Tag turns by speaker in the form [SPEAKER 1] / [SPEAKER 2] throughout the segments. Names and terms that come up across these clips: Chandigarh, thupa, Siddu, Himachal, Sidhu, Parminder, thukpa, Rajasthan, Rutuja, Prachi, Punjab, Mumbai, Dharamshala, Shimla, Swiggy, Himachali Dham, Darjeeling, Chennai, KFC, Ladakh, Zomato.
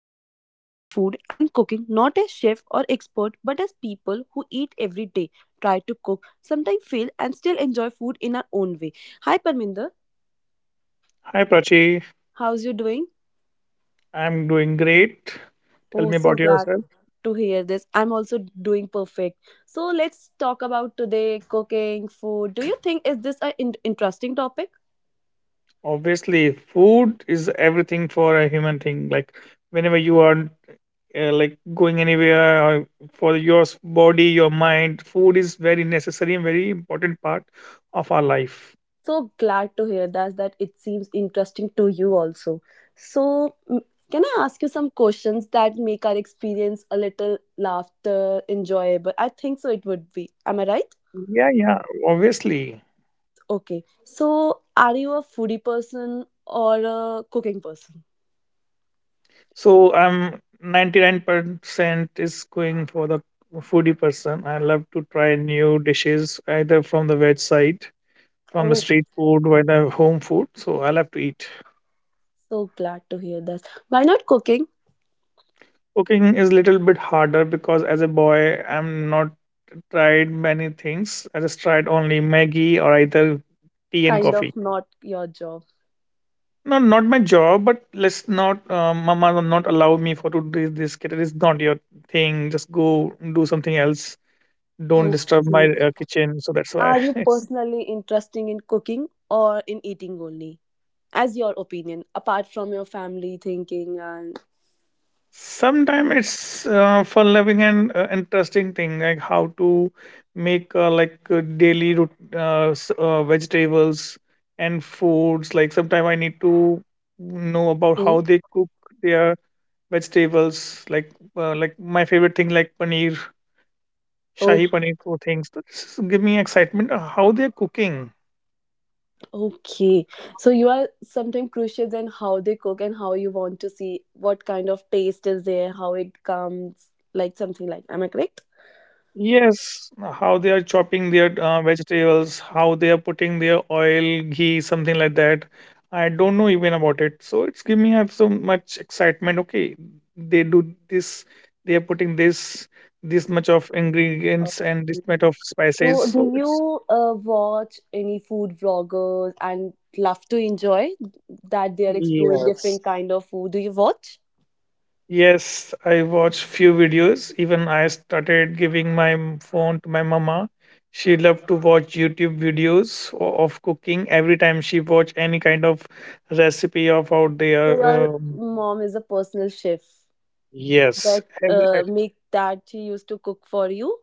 [SPEAKER 1] we are talking about food and cooking not as chef or expert but as people who eat every day, try to cook, sometimes fail and still enjoy food in our own way. Hi Parminder,
[SPEAKER 2] Hi Prachi,
[SPEAKER 1] how's you doing?
[SPEAKER 2] I'm doing great. Tell
[SPEAKER 1] Oh,
[SPEAKER 2] me
[SPEAKER 1] so
[SPEAKER 2] about
[SPEAKER 1] glad
[SPEAKER 2] yourself.
[SPEAKER 1] to hear this. I'm also doing perfect. So let's talk about today cooking, food. Do you think is this an interesting topic?
[SPEAKER 2] Obviously, food is everything for a human thing. Like whenever you are like going anywhere or for your body, your mind, food is very necessary and very important part of our life.
[SPEAKER 1] So glad to hear that it seems interesting to you also. So mm, can I ask you some questions that make our experience a little laughter enjoyable? I think so it would be. Am I right?
[SPEAKER 2] Yeah, yeah, obviously.
[SPEAKER 1] Okay. So are you a foodie person or a cooking person?
[SPEAKER 2] So I'm 99% is going for the foodie person. I love to try new dishes either from the veg side from the
[SPEAKER 1] Oh,
[SPEAKER 2] street food or the home food, so I'll have to eat.
[SPEAKER 1] so glad to hear that. Why not cooking?
[SPEAKER 2] Cooking is a little bit harder because as a boy I'm not tried many things. I just tried only maggie or either tea and
[SPEAKER 1] Kind
[SPEAKER 2] coffee.
[SPEAKER 1] of not your job.
[SPEAKER 2] Not not my job, but let's not, mama will not allow me for to do this kid. It is not your thing, just go do something else, don't disturb my
[SPEAKER 1] Okay.
[SPEAKER 2] kitchen, so that's why.
[SPEAKER 1] Are you personally interested in cooking or in eating only? As your opinion, apart from your family thinking and.
[SPEAKER 2] Sometimes it's fun loving and interesting thing, like how to make like daily root, vegetables and foods. Like sometimes I need to know about
[SPEAKER 1] Mm.
[SPEAKER 2] how they cook their vegetables, like my favorite thing like paneer,
[SPEAKER 1] Oh,
[SPEAKER 2] shahi paneer or things. So this is give me excitement, how they're cooking.
[SPEAKER 1] okay, so you are sometimes crucial in how they cook and how you want to see what kind of taste is there, how it comes, like something like, am I correct?
[SPEAKER 2] Yes, how they are chopping their vegetables, how they are putting their oil, ghee, something like that. I don't know even about it. So it's giving me up so much excitement. Okay, they do this, they are putting this, this much of ingredients and this much
[SPEAKER 1] Okay.
[SPEAKER 2] of spices.
[SPEAKER 1] So,
[SPEAKER 2] So
[SPEAKER 1] do
[SPEAKER 2] it's
[SPEAKER 1] you watch any food vloggers and love to enjoy that they are exploring
[SPEAKER 2] yes.
[SPEAKER 1] different kind of food? Do you watch?
[SPEAKER 2] Yes, I watched few videos. Even I started giving my phone to my mama. She loved to watch YouTube videos of cooking every time she watch any kind of recipe of out
[SPEAKER 1] So,
[SPEAKER 2] there.
[SPEAKER 1] your mom is a personal chef
[SPEAKER 2] Yes,
[SPEAKER 1] that
[SPEAKER 2] every,
[SPEAKER 1] make that she used to cook for you,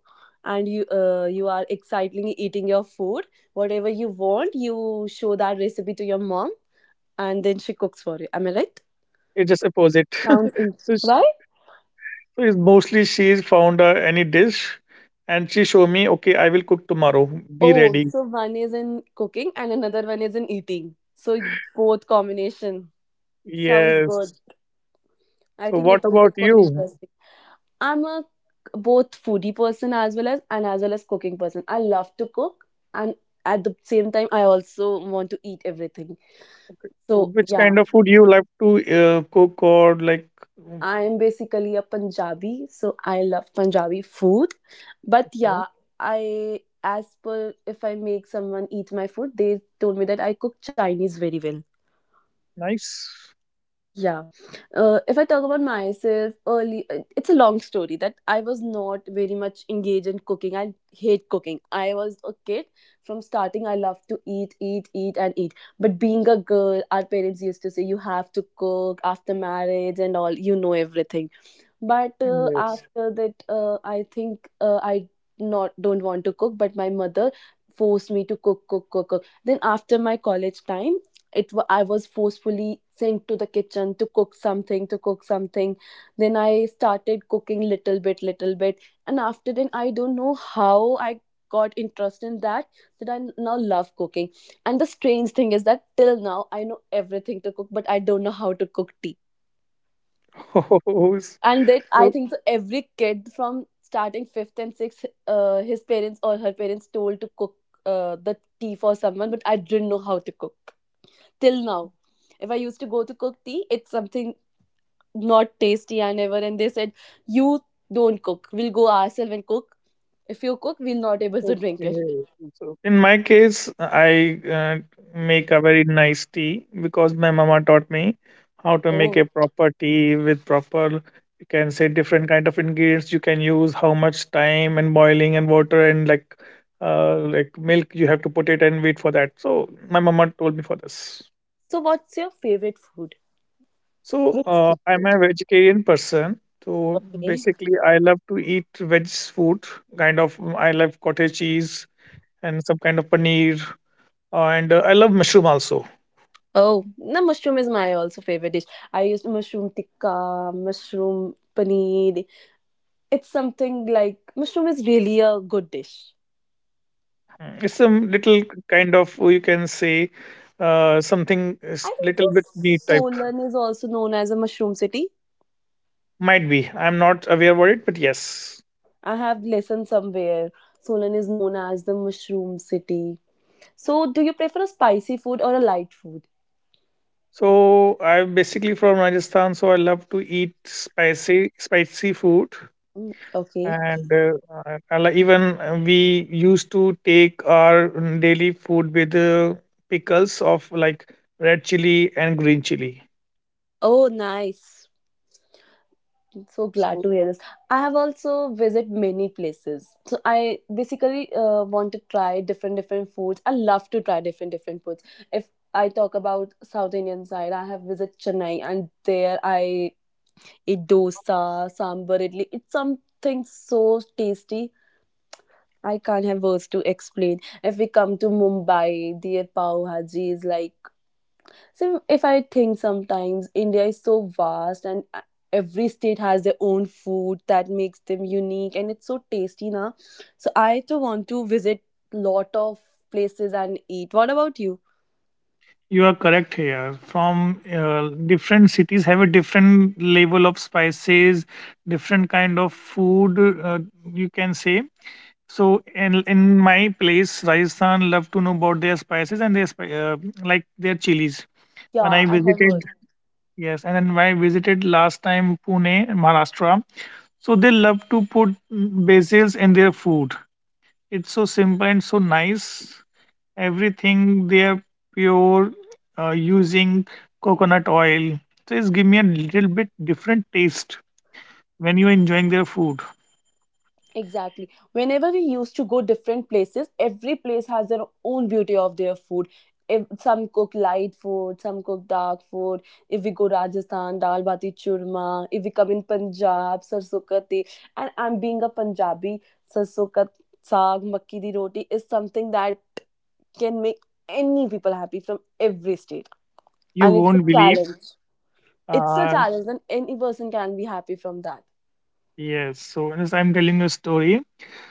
[SPEAKER 1] and you are excitedly eating your food. Whatever you want, you show that recipe to your mom, and then she cooks for you. Am I right?
[SPEAKER 2] it's just opposite.
[SPEAKER 1] Sounds
[SPEAKER 2] so, sh-
[SPEAKER 1] right?
[SPEAKER 2] so it's mostly she's found any dish, and she show me. Okay, I will cook tomorrow. Be
[SPEAKER 1] Oh,
[SPEAKER 2] ready.
[SPEAKER 1] so one is in cooking and another one is in eating. So both combination. Sounds good.
[SPEAKER 2] Yes.
[SPEAKER 1] I
[SPEAKER 2] So
[SPEAKER 1] think
[SPEAKER 2] what
[SPEAKER 1] it would be
[SPEAKER 2] about
[SPEAKER 1] quite
[SPEAKER 2] you?
[SPEAKER 1] interesting. I'm a both foodie person as well as cooking person. I love to cook and at the same time I also want to eat everything. So
[SPEAKER 2] Which
[SPEAKER 1] yeah,
[SPEAKER 2] kind of food you like to cook or like?
[SPEAKER 1] I am basically a Punjabi, so I love Punjabi food. But
[SPEAKER 2] Okay,
[SPEAKER 1] yeah, I as per if I make someone eat my food, they told me that I cook Chinese very well.
[SPEAKER 2] nice.
[SPEAKER 1] Yeah. If I talk about myself early, it's a long story that I was not very much engaged in cooking. I hate cooking. I was a kid from starting. I loved to eat, eat, eat, and eat. But being a girl, our parents used to say, you have to cook after marriage and all, you know everything, but
[SPEAKER 2] Yes.
[SPEAKER 1] after that I think I not don't want to cook, but my mother forced me to cook, cook, cook, cook. Then after my college time I was forcefully sent to the kitchen to cook something, to cook something. Then I started cooking little bit little bit, and after then I don't know how I got interest in that, that I now love cooking. And the strange thing is that till now I know everything to cook but I don't know how to cook tea.
[SPEAKER 2] Hoes.
[SPEAKER 1] And that I think so every kid from starting fifth and sixth, his parents or her parents told to cook the tea for someone, but I didn't know how to cook till now. If I used to go to cook tea, it's something not tasty. I never, and they said, you don't cook, we'll go ourselves and cook. If you cook, we'll not able to drink it.
[SPEAKER 2] Okay. So in my case, I make a very nice tea because my mama taught me how to make
[SPEAKER 1] Oh,
[SPEAKER 2] a proper tea with proper, you can say different kind of ingredients you can use, how much time and boiling and water, and like milk you have to put it and wait for that. So my mama told me for this.
[SPEAKER 1] so what's your favorite food?
[SPEAKER 2] So
[SPEAKER 1] Which
[SPEAKER 2] I'm
[SPEAKER 1] food?
[SPEAKER 2] a vegetarian person. So
[SPEAKER 1] Okay.
[SPEAKER 2] basically, I love to eat veg food. Kind of, mm, I love cottage cheese and some kind of paneer, and I love mushroom also.
[SPEAKER 1] Oh, no, mushroom is my also favorite dish. I used to mushroom tikka, mushroom paneer, it's something like mushroom is really a good dish.
[SPEAKER 2] Mm, it's some little kind of, you can say something is
[SPEAKER 1] I think
[SPEAKER 2] little bit
[SPEAKER 1] so.
[SPEAKER 2] meat type.
[SPEAKER 1] Solan is also known as a mushroom city.
[SPEAKER 2] Might be. I'm not aware about it, but yes.
[SPEAKER 1] I have listened somewhere. Solan is known as the mushroom city. So, do you prefer a spicy food or a light food?
[SPEAKER 2] So I'm basically from Rajasthan, so I love to eat spicy spicy food.
[SPEAKER 1] Mm, okay.
[SPEAKER 2] And and like, even we used to take our mm, daily food with pickles of like red chili and green chili.
[SPEAKER 1] Oh, nice. So glad
[SPEAKER 2] So
[SPEAKER 1] to hear this. I have also visited many places. So I basically want to try different different foods. I love to try different different foods. If I talk about South Indian side, I have visited Chennai and there I eat dosa, sambar, idli. It's something so tasty. I can't have words to explain. If we come to Mumbai, their pav bhaji is like, so if I think sometimes India is so vast and, every state has their own food that makes them unique and it's so tasty now. So I too want to visit lot of places and eat. What about you?
[SPEAKER 2] you are correct here. From different cities have a different level of spices, different kind of food, uh, you can say. So in my place Rajasthan love to know about their spices and their like their chilies when I
[SPEAKER 1] Yeah, I have heard.
[SPEAKER 2] visited. Yes, and then when I visited last time Pune, Maharashtra, so they love to put, mm, basils in their food. It's so simple and so nice. Everything they are pure using coconut oil. So it's give me a little bit different taste when you're enjoying their food.
[SPEAKER 1] Exactly. Whenever we used to go different places, every place has their own beauty of their food. If some cook light food, some cook dark food. If we go Rajasthan, dal bati churma. If we come in Punjab, sarson ka tel. And I'm being a Punjabi, sarson ka saag, makki di roti is something that can make any people happy from every state.
[SPEAKER 2] You
[SPEAKER 1] And it's a
[SPEAKER 2] won't believe.
[SPEAKER 1] challenge. It's a
[SPEAKER 2] Uh,
[SPEAKER 1] challenge, and any person can be happy from that.
[SPEAKER 2] yes, so yes, I'm telling you a story.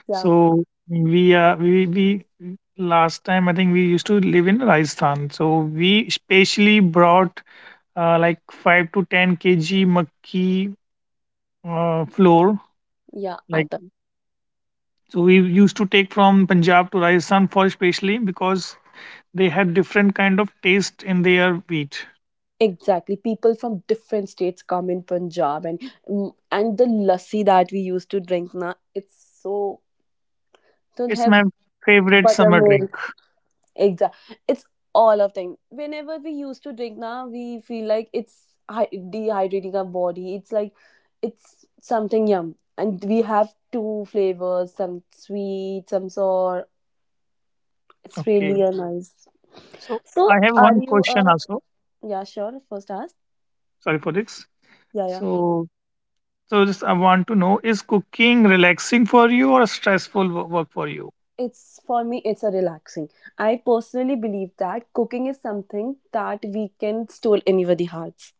[SPEAKER 1] Yeah,
[SPEAKER 2] So we last time, I think we used to live in Rajasthan. So we specially brought like 5 to 10 kg makki flour.
[SPEAKER 1] yeah.
[SPEAKER 2] Like, so we used to take from Punjab to Rajasthan for specially because they had different kind of taste in their wheat.
[SPEAKER 1] Exactly. People from different states come in Punjab, and the lassi that we used to drink now, it's so, don't
[SPEAKER 2] It's
[SPEAKER 1] have
[SPEAKER 2] my favorite summer drink.
[SPEAKER 1] buttermilk. Exactly. It's all of them. Whenever we used to drink now, we feel like it's dehydrating our body. It's like it's something yum. And we have two flavors, some sweet, some sour. It's
[SPEAKER 2] Okay,
[SPEAKER 1] really a nice.
[SPEAKER 2] so I
[SPEAKER 1] So
[SPEAKER 2] have
[SPEAKER 1] are
[SPEAKER 2] one
[SPEAKER 1] you
[SPEAKER 2] question
[SPEAKER 1] a...
[SPEAKER 2] also.
[SPEAKER 1] Yeah, sure, first ask.
[SPEAKER 2] Sorry for this.
[SPEAKER 1] Yeah, yeah.
[SPEAKER 2] So, so just I want to know, is cooking relaxing for you or stressful work for you?
[SPEAKER 1] It's for me, it's a relaxing. I personally believe that cooking is something that we can stole anybody hearts.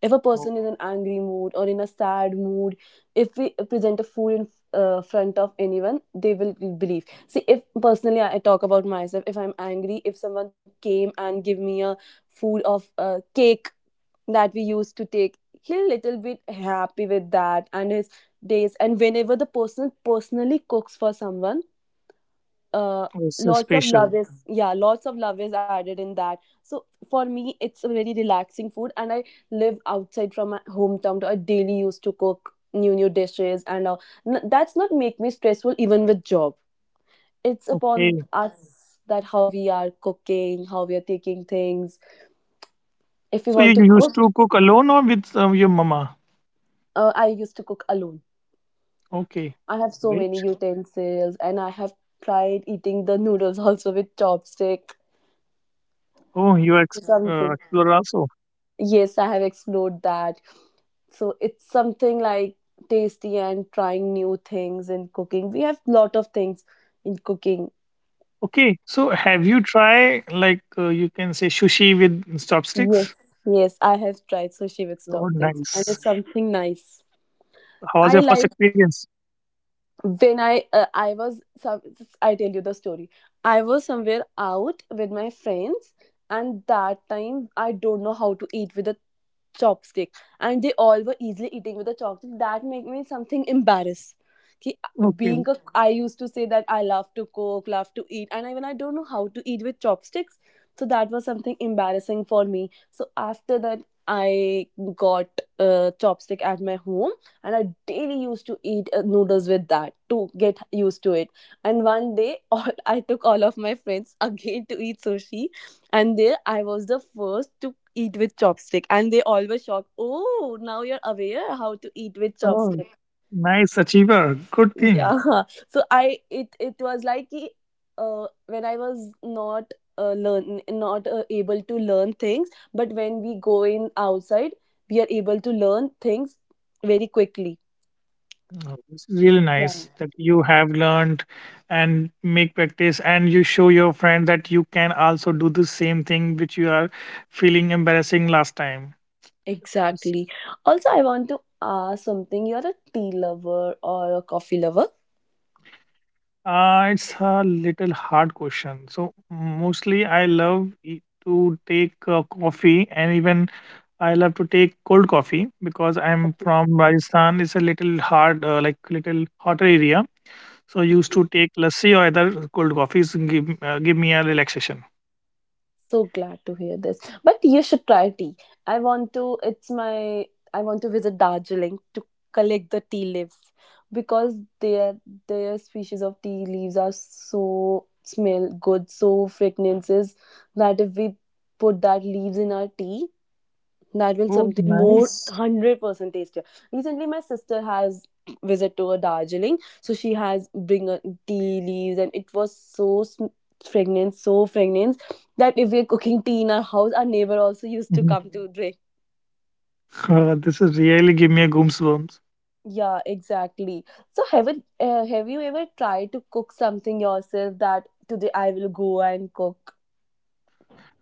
[SPEAKER 1] If a
[SPEAKER 2] Oh,
[SPEAKER 1] person is in angry mood or in a sad mood, if we present a food in front of anyone, they will believe. See, if personally I talk about myself, if I'm angry, if someone came and give me a food of cake that we used to take, he'll little bit happy with that and his days. And whenever the person personally cooks for someone, uh,
[SPEAKER 2] oh, it's a special.
[SPEAKER 1] lots of love is added in that. So for me it's a very relaxing food, and I live outside from my hometown, so I daily used to cook new new dishes and, that's not make me stressful even with job. It's upon
[SPEAKER 2] Okay.
[SPEAKER 1] us that how we are cooking, how we are taking things, if we
[SPEAKER 2] So you
[SPEAKER 1] want
[SPEAKER 2] you
[SPEAKER 1] to
[SPEAKER 2] used
[SPEAKER 1] cook.
[SPEAKER 2] to cook alone or with your mama?
[SPEAKER 1] I used to cook alone.
[SPEAKER 2] Okay.
[SPEAKER 1] I have so
[SPEAKER 2] Great.
[SPEAKER 1] many utensils and I have tried eating the noodles also with chopstick,
[SPEAKER 2] Oh, you are
[SPEAKER 1] something.
[SPEAKER 2] explorer also.
[SPEAKER 1] Yes, I have explored that. So it's something like tasty and trying new things in cooking, we have lot of things in cooking.
[SPEAKER 2] Okay. So have you tried like, you can say, sushi with
[SPEAKER 1] Yes,
[SPEAKER 2] chopsticks?
[SPEAKER 1] yes, I have tried sushi with
[SPEAKER 2] Oh,
[SPEAKER 1] toppings and
[SPEAKER 2] nice.
[SPEAKER 1] it's something nice.
[SPEAKER 2] How was
[SPEAKER 1] I
[SPEAKER 2] your first
[SPEAKER 1] like
[SPEAKER 2] experience?
[SPEAKER 1] when I was some I tell you the story. I was somewhere out with my friends, and that time I don't know how to eat with a chopstick, and they all were easily eating with a chopstick. That made me something embarrassed.
[SPEAKER 2] Okay.
[SPEAKER 1] Being a I used to say that I love to cook, love to eat, and even I don't know how to eat with chopsticks. So that was something embarrassing for me. So after that, I got a chopstick at my home and I daily used to eat noodles with that to get used to it. And one day, all I took all of my friends again to eat sushi, and there I was the first to eat with chopstick, and they all were shocked. Oh, now you're aware how to eat with
[SPEAKER 2] Oh,
[SPEAKER 1] chopstick.
[SPEAKER 2] nice achiever. Good thing.
[SPEAKER 1] Yeah, so I it it was like when I was not. Learn, not, able to learn things, but when we go in outside we are able to learn things very quickly.
[SPEAKER 2] Oh, this is really
[SPEAKER 1] Yeah.
[SPEAKER 2] nice that you have learned and make practice, and you show your friend that you can also do the same thing which you are feeling embarrassing last time. It's,
[SPEAKER 1] Exactly. Also, I want to ask something. You're a tea lover or a coffee lover?
[SPEAKER 2] it's a little hard question. So mostly I love to take coffee, and even I love to take cold coffee because I'm
[SPEAKER 1] Coffee.
[SPEAKER 2] from Rajasthan. It's a little hard, like little hotter area. So used to take lassi or either cold coffees give, give me a relaxation.
[SPEAKER 1] So glad to hear this. But you should try tea. I want to it's my I want to visit Darjeeling to collect the tea leaves because their species of tea leaves are so smell good, so fragrances that if we put that leaves in our tea, that will
[SPEAKER 2] Oh,
[SPEAKER 1] something more
[SPEAKER 2] nice.
[SPEAKER 1] 100% tastier. Recently my sister has visit to a darjeeling, so she has bring a tea leaves and it was so fragrant, so fragrant, that if we're cooking tea in our house our neighbor also used to come to drink.
[SPEAKER 2] God, this is really give me a goosebumps.
[SPEAKER 1] Yeah, exactly. So have you ever tried to cook something yourself that today I will go and cook.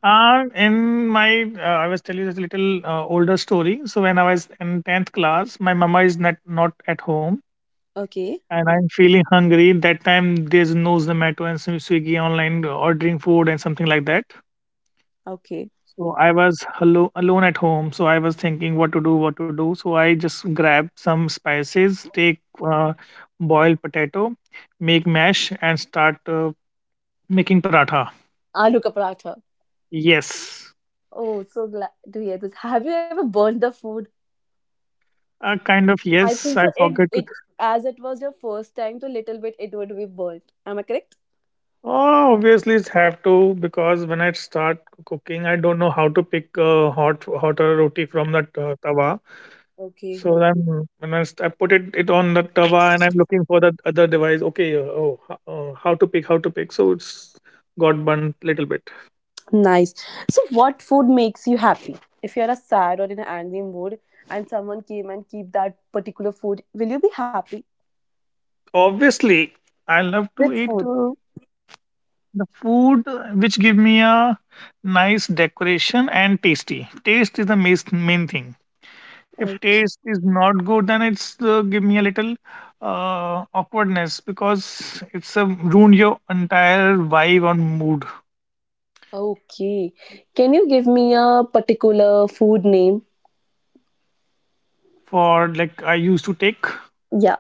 [SPEAKER 2] I was telling you this little older story. So when I was in 10th class, my mama is not, not at home
[SPEAKER 1] Okay.
[SPEAKER 2] and I'm feeling hungry. That time there's no Zomato and Swiggy online ordering food and something like that.
[SPEAKER 1] Okay.
[SPEAKER 2] So I was hello, alone at home. So I was thinking what to do, what to do. So I just grabbed some spices, take uh, boiled potato, make mash and start making paratha.
[SPEAKER 1] Aloo ka paratha.
[SPEAKER 2] Yes.
[SPEAKER 1] Oh, so glad to hear this. Have you ever burnt the food?
[SPEAKER 2] Kind of
[SPEAKER 1] I
[SPEAKER 2] yes.
[SPEAKER 1] think so.
[SPEAKER 2] I
[SPEAKER 1] It
[SPEAKER 2] forget to.
[SPEAKER 1] it as it was your first time, so little bit it would be burnt. Am I correct?
[SPEAKER 2] Oh, obviously it's have to, because when I start cooking, I don't know how to pick a hotter roti from that tawa.
[SPEAKER 1] Okay.
[SPEAKER 2] So then when I, I put it, it on the tawa and I'm looking for that other device. Okay, how to pick, how to pick. So it's got burnt little bit.
[SPEAKER 1] Nice. So, what food makes you happy? If you're a sad or in an angry mood, and someone came and keep that particular food, will you be happy
[SPEAKER 2] Obviously, I love
[SPEAKER 1] with
[SPEAKER 2] to eat
[SPEAKER 1] food?
[SPEAKER 2] the food which give me a nice decoration and tasty. Taste is the main thing.
[SPEAKER 1] Mm.
[SPEAKER 2] If taste is not good, then it's give me a little awkwardness because it's a ruined your entire vibe on mood.
[SPEAKER 1] Okay. Can you give me a particular food name?
[SPEAKER 2] For like, I used to take, so
[SPEAKER 1] Yeah.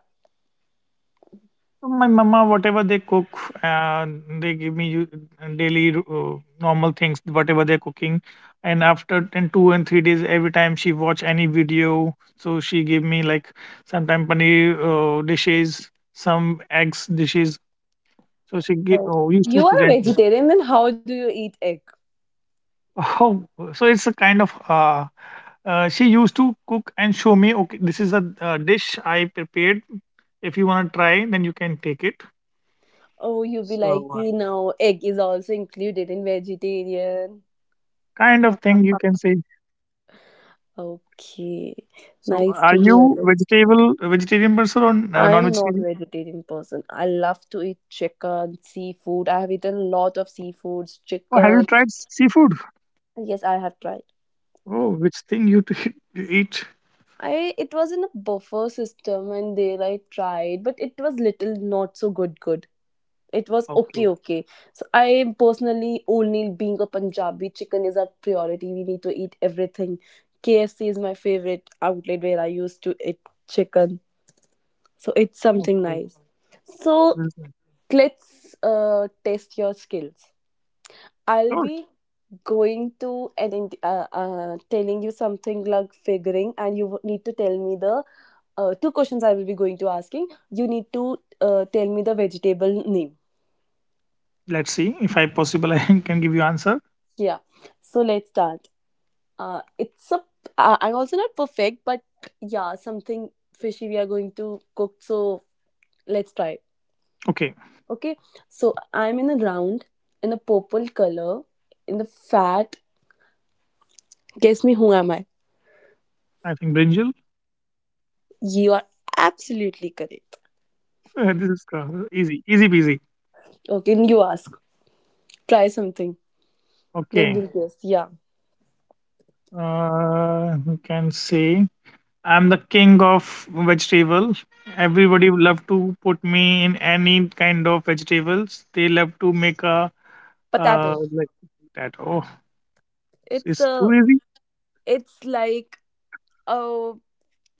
[SPEAKER 2] my mama whatever they cook, uh, they give me daily normal things whatever they're cooking, and after in 2 and 3 days every time she watch any video, so she give me like sometime paneer dishes, some eggs dishes, so she give,
[SPEAKER 1] Oh.
[SPEAKER 2] used to
[SPEAKER 1] You are a
[SPEAKER 2] present me.
[SPEAKER 1] vegetarian, then how do you eat egg?
[SPEAKER 2] Oh, so it's a kind of, she used to cook and show me. Okay, this is a dish I prepared. If you want to try, then you can take it.
[SPEAKER 1] Oh, you'll be like,
[SPEAKER 2] So
[SPEAKER 1] egg is also included in vegetarian.
[SPEAKER 2] kind of thing you can say.
[SPEAKER 1] Okay,
[SPEAKER 2] So
[SPEAKER 1] nice
[SPEAKER 2] are
[SPEAKER 1] to hear
[SPEAKER 2] you
[SPEAKER 1] it.
[SPEAKER 2] vegetable a vegetarian person or
[SPEAKER 1] I'm
[SPEAKER 2] non-vegetarian?
[SPEAKER 1] non-vegetarian person. I love to eat chicken, seafood. I have eaten a lot of seafoods,
[SPEAKER 2] Or have you
[SPEAKER 1] chicken.
[SPEAKER 2] tried seafood?
[SPEAKER 1] Yes, I have tried.
[SPEAKER 2] Oh, which thing you, you eat?
[SPEAKER 1] I it was in a buffet system and there I tried, but it was little not so good. It was
[SPEAKER 2] Okay,
[SPEAKER 1] okay. So I personally only being a Punjabi, chicken is our priority. We need to eat everything. KFC is my favorite outlet where I used to eat chicken. So it's something
[SPEAKER 2] okay,
[SPEAKER 1] nice. So
[SPEAKER 2] this one.
[SPEAKER 1] let's test your skills. I'll
[SPEAKER 2] Sure.
[SPEAKER 1] be going to and in, telling you something like figuring, and you need to tell me the two questions I will be going to asking. You need to tell me the vegetable name.
[SPEAKER 2] Let's see if I possible I can give you answer.
[SPEAKER 1] Yeah. So let's start. It's a. I'm also not perfect, but yeah, something fishy we are going to cook. So let's try.
[SPEAKER 2] Okay,
[SPEAKER 1] Okay. So I'm in a round in a purple color in the fat. Guess me who am I?
[SPEAKER 2] I think brinjal.
[SPEAKER 1] You are absolutely correct.
[SPEAKER 2] this is easy, easy peasy.
[SPEAKER 1] Okay, you ask. Try something. Then
[SPEAKER 2] Okay.
[SPEAKER 1] we'll guess. Yeah.
[SPEAKER 2] You can say I'm the king of vegetable. Everybody love to put me in any kind of vegetables. They love to make a
[SPEAKER 1] Potato.
[SPEAKER 2] like that. Oh,
[SPEAKER 1] It's
[SPEAKER 2] it's too
[SPEAKER 1] a
[SPEAKER 2] easy.
[SPEAKER 1] it's like uh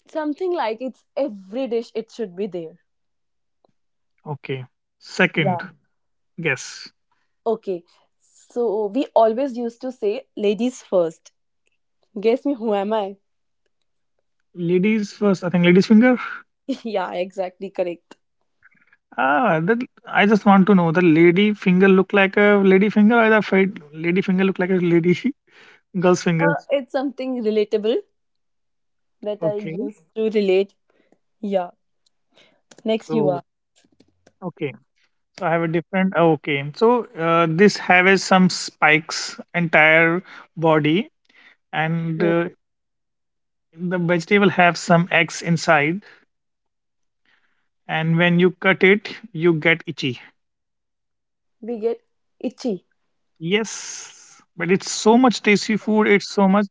[SPEAKER 1] something like it's every dish it should be there.
[SPEAKER 2] Okay. Second,
[SPEAKER 1] Yeah.
[SPEAKER 2] guess.
[SPEAKER 1] Okay. So we always used to say ladies first. Guess me who am I?
[SPEAKER 2] Ladies first. I think ladies finger.
[SPEAKER 1] yeah, exactly correct.
[SPEAKER 2] Ah, that I just want to know the lady finger look like a lady finger or the fat lady finger look like a lady girl's fingers.
[SPEAKER 1] It's something relatable that I
[SPEAKER 2] Okay.
[SPEAKER 1] used to relate. Yeah. Next you
[SPEAKER 2] So
[SPEAKER 1] are.
[SPEAKER 2] okay. So I have a different, oh, okay. So this has some spikes entire body, and
[SPEAKER 1] Hmm.
[SPEAKER 2] uh, the vegetable have some eggs inside. And when you cut it, you get itchy.
[SPEAKER 1] We get itchy.
[SPEAKER 2] Yes, but it's so much tasty food. It's so much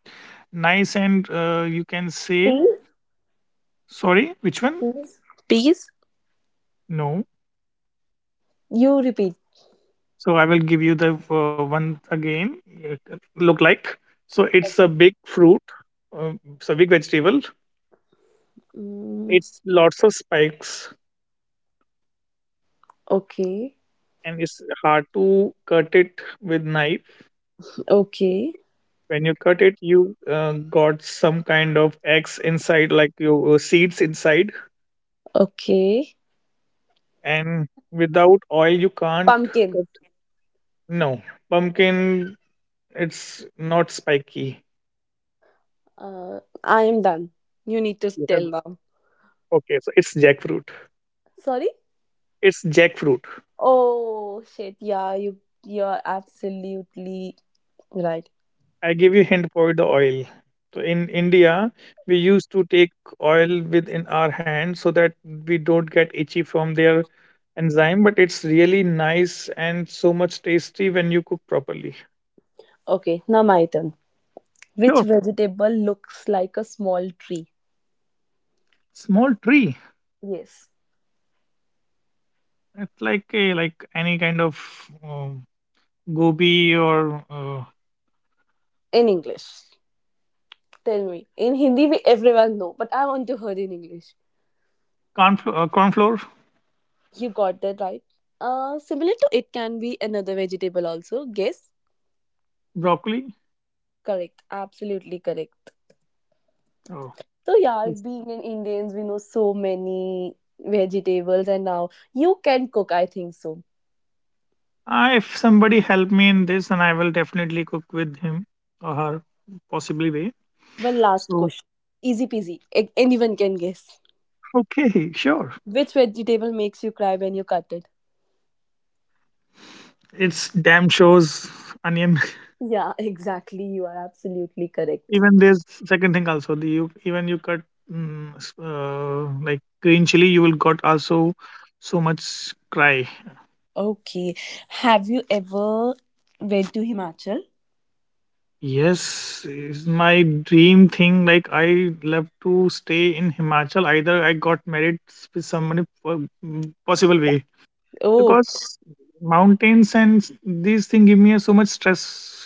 [SPEAKER 2] nice, and you can say
[SPEAKER 1] Peas?
[SPEAKER 2] sorry. Which one?
[SPEAKER 1] Peas? Peas?
[SPEAKER 2] No.
[SPEAKER 1] You repeat.
[SPEAKER 2] So I will give you the one again. It look like so. It's a big fruit. It's a big vegetable.
[SPEAKER 1] Mm,
[SPEAKER 2] It's lots of spikes,
[SPEAKER 1] okay,
[SPEAKER 2] and it's hard to cut it with knife.
[SPEAKER 1] okay,
[SPEAKER 2] When you cut it, you got some kind of eggs inside like your seeds inside,
[SPEAKER 1] okay.
[SPEAKER 2] and without oil you can't
[SPEAKER 1] Pumpkin.
[SPEAKER 2] cut. No, pumpkin it's not spiky.
[SPEAKER 1] I am done. You need to
[SPEAKER 2] You,
[SPEAKER 1] tell now.
[SPEAKER 2] okay, so it's jackfruit.
[SPEAKER 1] Sorry?
[SPEAKER 2] It's jackfruit.
[SPEAKER 1] Oh shit! Yeah, you're absolutely right.
[SPEAKER 2] I give you hint for the oil. So in India, we used to take oil within our hand so that we don't get itchy from their enzyme, but it's really nice and so much tasty when you cook properly.
[SPEAKER 1] Okay, now my turn. Which
[SPEAKER 2] Sure,
[SPEAKER 1] vegetable looks like a small tree?
[SPEAKER 2] small tree.
[SPEAKER 1] Yes,
[SPEAKER 2] It's like a like any kind of uh, gobi or
[SPEAKER 1] in English. Tell me. In Hindi, we everyone know, but I want to hear in English.
[SPEAKER 2] cornflower, cornflower,
[SPEAKER 1] You got that right. Similar to it can be another vegetable also. Guess
[SPEAKER 2] broccoli.
[SPEAKER 1] correct. Absolutely correct.
[SPEAKER 2] Oh,
[SPEAKER 1] So yeah,
[SPEAKER 2] yes.
[SPEAKER 1] being in Indians, we know so many vegetables, and now you can cook. I think so.
[SPEAKER 2] Ah, if somebody help me in this, and I will definitely cook with him or her, possibly way.
[SPEAKER 1] One last
[SPEAKER 2] So
[SPEAKER 1] question, easy peasy. A- anyone can guess
[SPEAKER 2] okay, sure.
[SPEAKER 1] which vegetable makes you cry when you cut it.
[SPEAKER 2] It's damn shows onion.
[SPEAKER 1] Yeah, exactly. You are absolutely correct.
[SPEAKER 2] Even there's second thing also. The you even you cut, like green chili, you will got also so much cry.
[SPEAKER 1] Okay, have you ever went to Himachal?
[SPEAKER 2] Yes, is my dream thing. Like I love to stay in Himachal. Either I got married with someone, if possible
[SPEAKER 1] Yeah.
[SPEAKER 2] way.
[SPEAKER 1] Oh,
[SPEAKER 2] Because mountains and these things give me a so much stress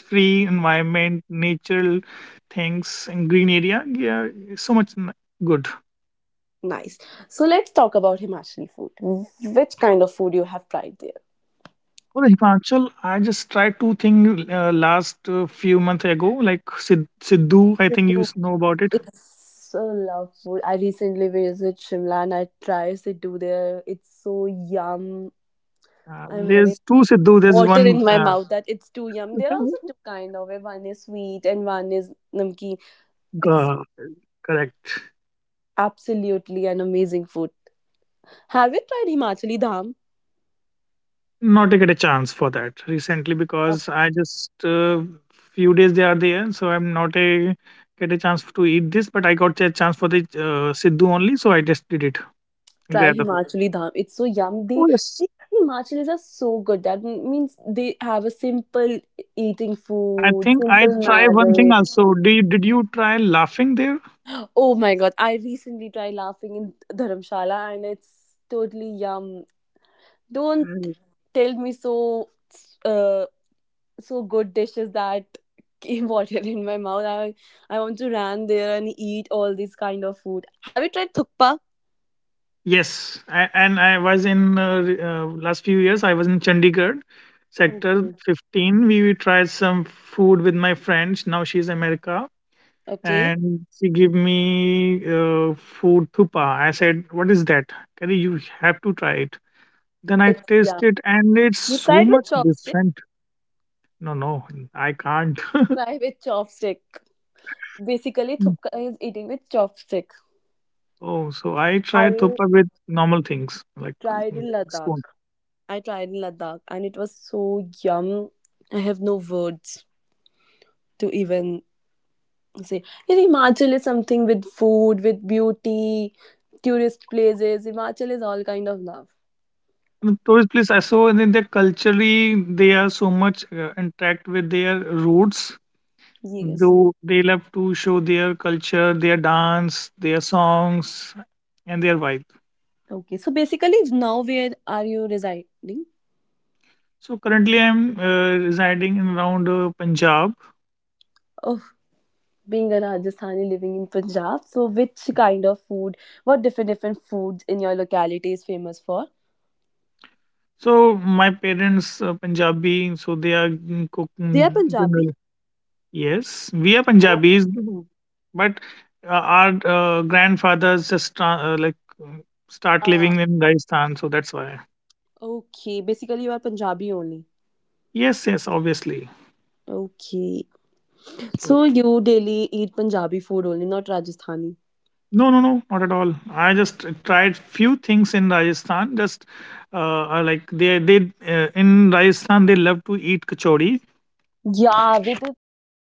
[SPEAKER 2] free environment, natural things and green area. Yeah, it's so much good.
[SPEAKER 1] nice. So let's talk about Himachali food. Which kind of food you have tried there?
[SPEAKER 2] For the Himachal, I just tried two things last few months ago. Like Siddhu, I think you know about it.
[SPEAKER 1] It's so lovely. I recently visited Shimla and I tried Siddu there. It's so yum. I'm having
[SPEAKER 2] There's two Siddhu. There's one.
[SPEAKER 1] water in my mouth that it's too yum. There are also two kind of it. One is sweet and one is namkeen. It's
[SPEAKER 2] G- correct.
[SPEAKER 1] absolutely an amazing food. Have you tried Himachali Dham?
[SPEAKER 2] Not to get a chance for that recently, because
[SPEAKER 1] Uh,
[SPEAKER 2] I just few days they are there, so I'm not a get a chance to eat this, but I got a chance for the Sidhu only, so I just did it.
[SPEAKER 1] try
[SPEAKER 2] Grab the food.
[SPEAKER 1] Himachali Dham. It's so yum.
[SPEAKER 2] Oh yes,
[SPEAKER 1] They Himachalis are so good. That m- means they have a simple eating
[SPEAKER 2] I
[SPEAKER 1] food,
[SPEAKER 2] think I
[SPEAKER 1] simple
[SPEAKER 2] try one thing
[SPEAKER 1] marriage.
[SPEAKER 2] also. Did you try laughing there?
[SPEAKER 1] Oh my god, I recently tried laughing in Dharamshala and it's totally yum. Don't
[SPEAKER 2] Mm.
[SPEAKER 1] tell me so uh, so good dishes that came water in my mouth. I want to run there and eat all this kind of food. Have you tried thukpa?
[SPEAKER 2] Yes, I, and I was in last few years. I was in Chandigarh sector
[SPEAKER 1] Okay.
[SPEAKER 2] 15. We tried some food with my friends. Now she's America,
[SPEAKER 1] Okay.
[SPEAKER 2] and she gave me food thupa. I said, "What is that, Kelly? You have to try it." Then I
[SPEAKER 1] It's yeah.
[SPEAKER 2] taste it, and it's
[SPEAKER 1] You
[SPEAKER 2] so
[SPEAKER 1] tried
[SPEAKER 2] much
[SPEAKER 1] with chopstick?
[SPEAKER 2] different. No, no, I can't.
[SPEAKER 1] Try with chopstick. Basically, thukpa is eating with chopstick.
[SPEAKER 2] Oh, so I tried
[SPEAKER 1] I
[SPEAKER 2] thupa with normal things
[SPEAKER 1] tried in
[SPEAKER 2] like
[SPEAKER 1] Ladakh.
[SPEAKER 2] spoon.
[SPEAKER 1] I tried in Ladakh and it was so yum. I have no words to even say. Yeah, Himachal is something with food, with beauty, tourist places. Himachal is all kind of love.
[SPEAKER 2] The tourist place I saw, and then their culturally they are so much interact with their roots.
[SPEAKER 1] Yes.
[SPEAKER 2] Though they love to show their culture, their dance, their songs, and their vibe.
[SPEAKER 1] Okay. So basically, now where are you residing?
[SPEAKER 2] So currently, I'm residing in around Punjab.
[SPEAKER 1] Oh, being a Rajasthani living in Punjab. So which kind of food? What different different foods in your locality is famous for?
[SPEAKER 2] So my parents Punjabi, so they are, mm,
[SPEAKER 1] They are
[SPEAKER 2] cooking
[SPEAKER 1] Punjabi.
[SPEAKER 2] generally. Yes, we are
[SPEAKER 1] So,
[SPEAKER 2] Punjabis, but our grandfathers just like uh, start
[SPEAKER 1] uh,
[SPEAKER 2] living in Rajasthan, so that's why.
[SPEAKER 1] okay. Basically, you are Punjabi only.
[SPEAKER 2] Yes, yes, obviously.
[SPEAKER 1] Okay.
[SPEAKER 2] So
[SPEAKER 1] So you daily eat Punjabi food only, not Rajasthani?
[SPEAKER 2] no, no, no, not at all. I just tried few things in Rajasthan. Just like they in Rajasthan they love to eat kachori
[SPEAKER 1] Yeah, with a curry.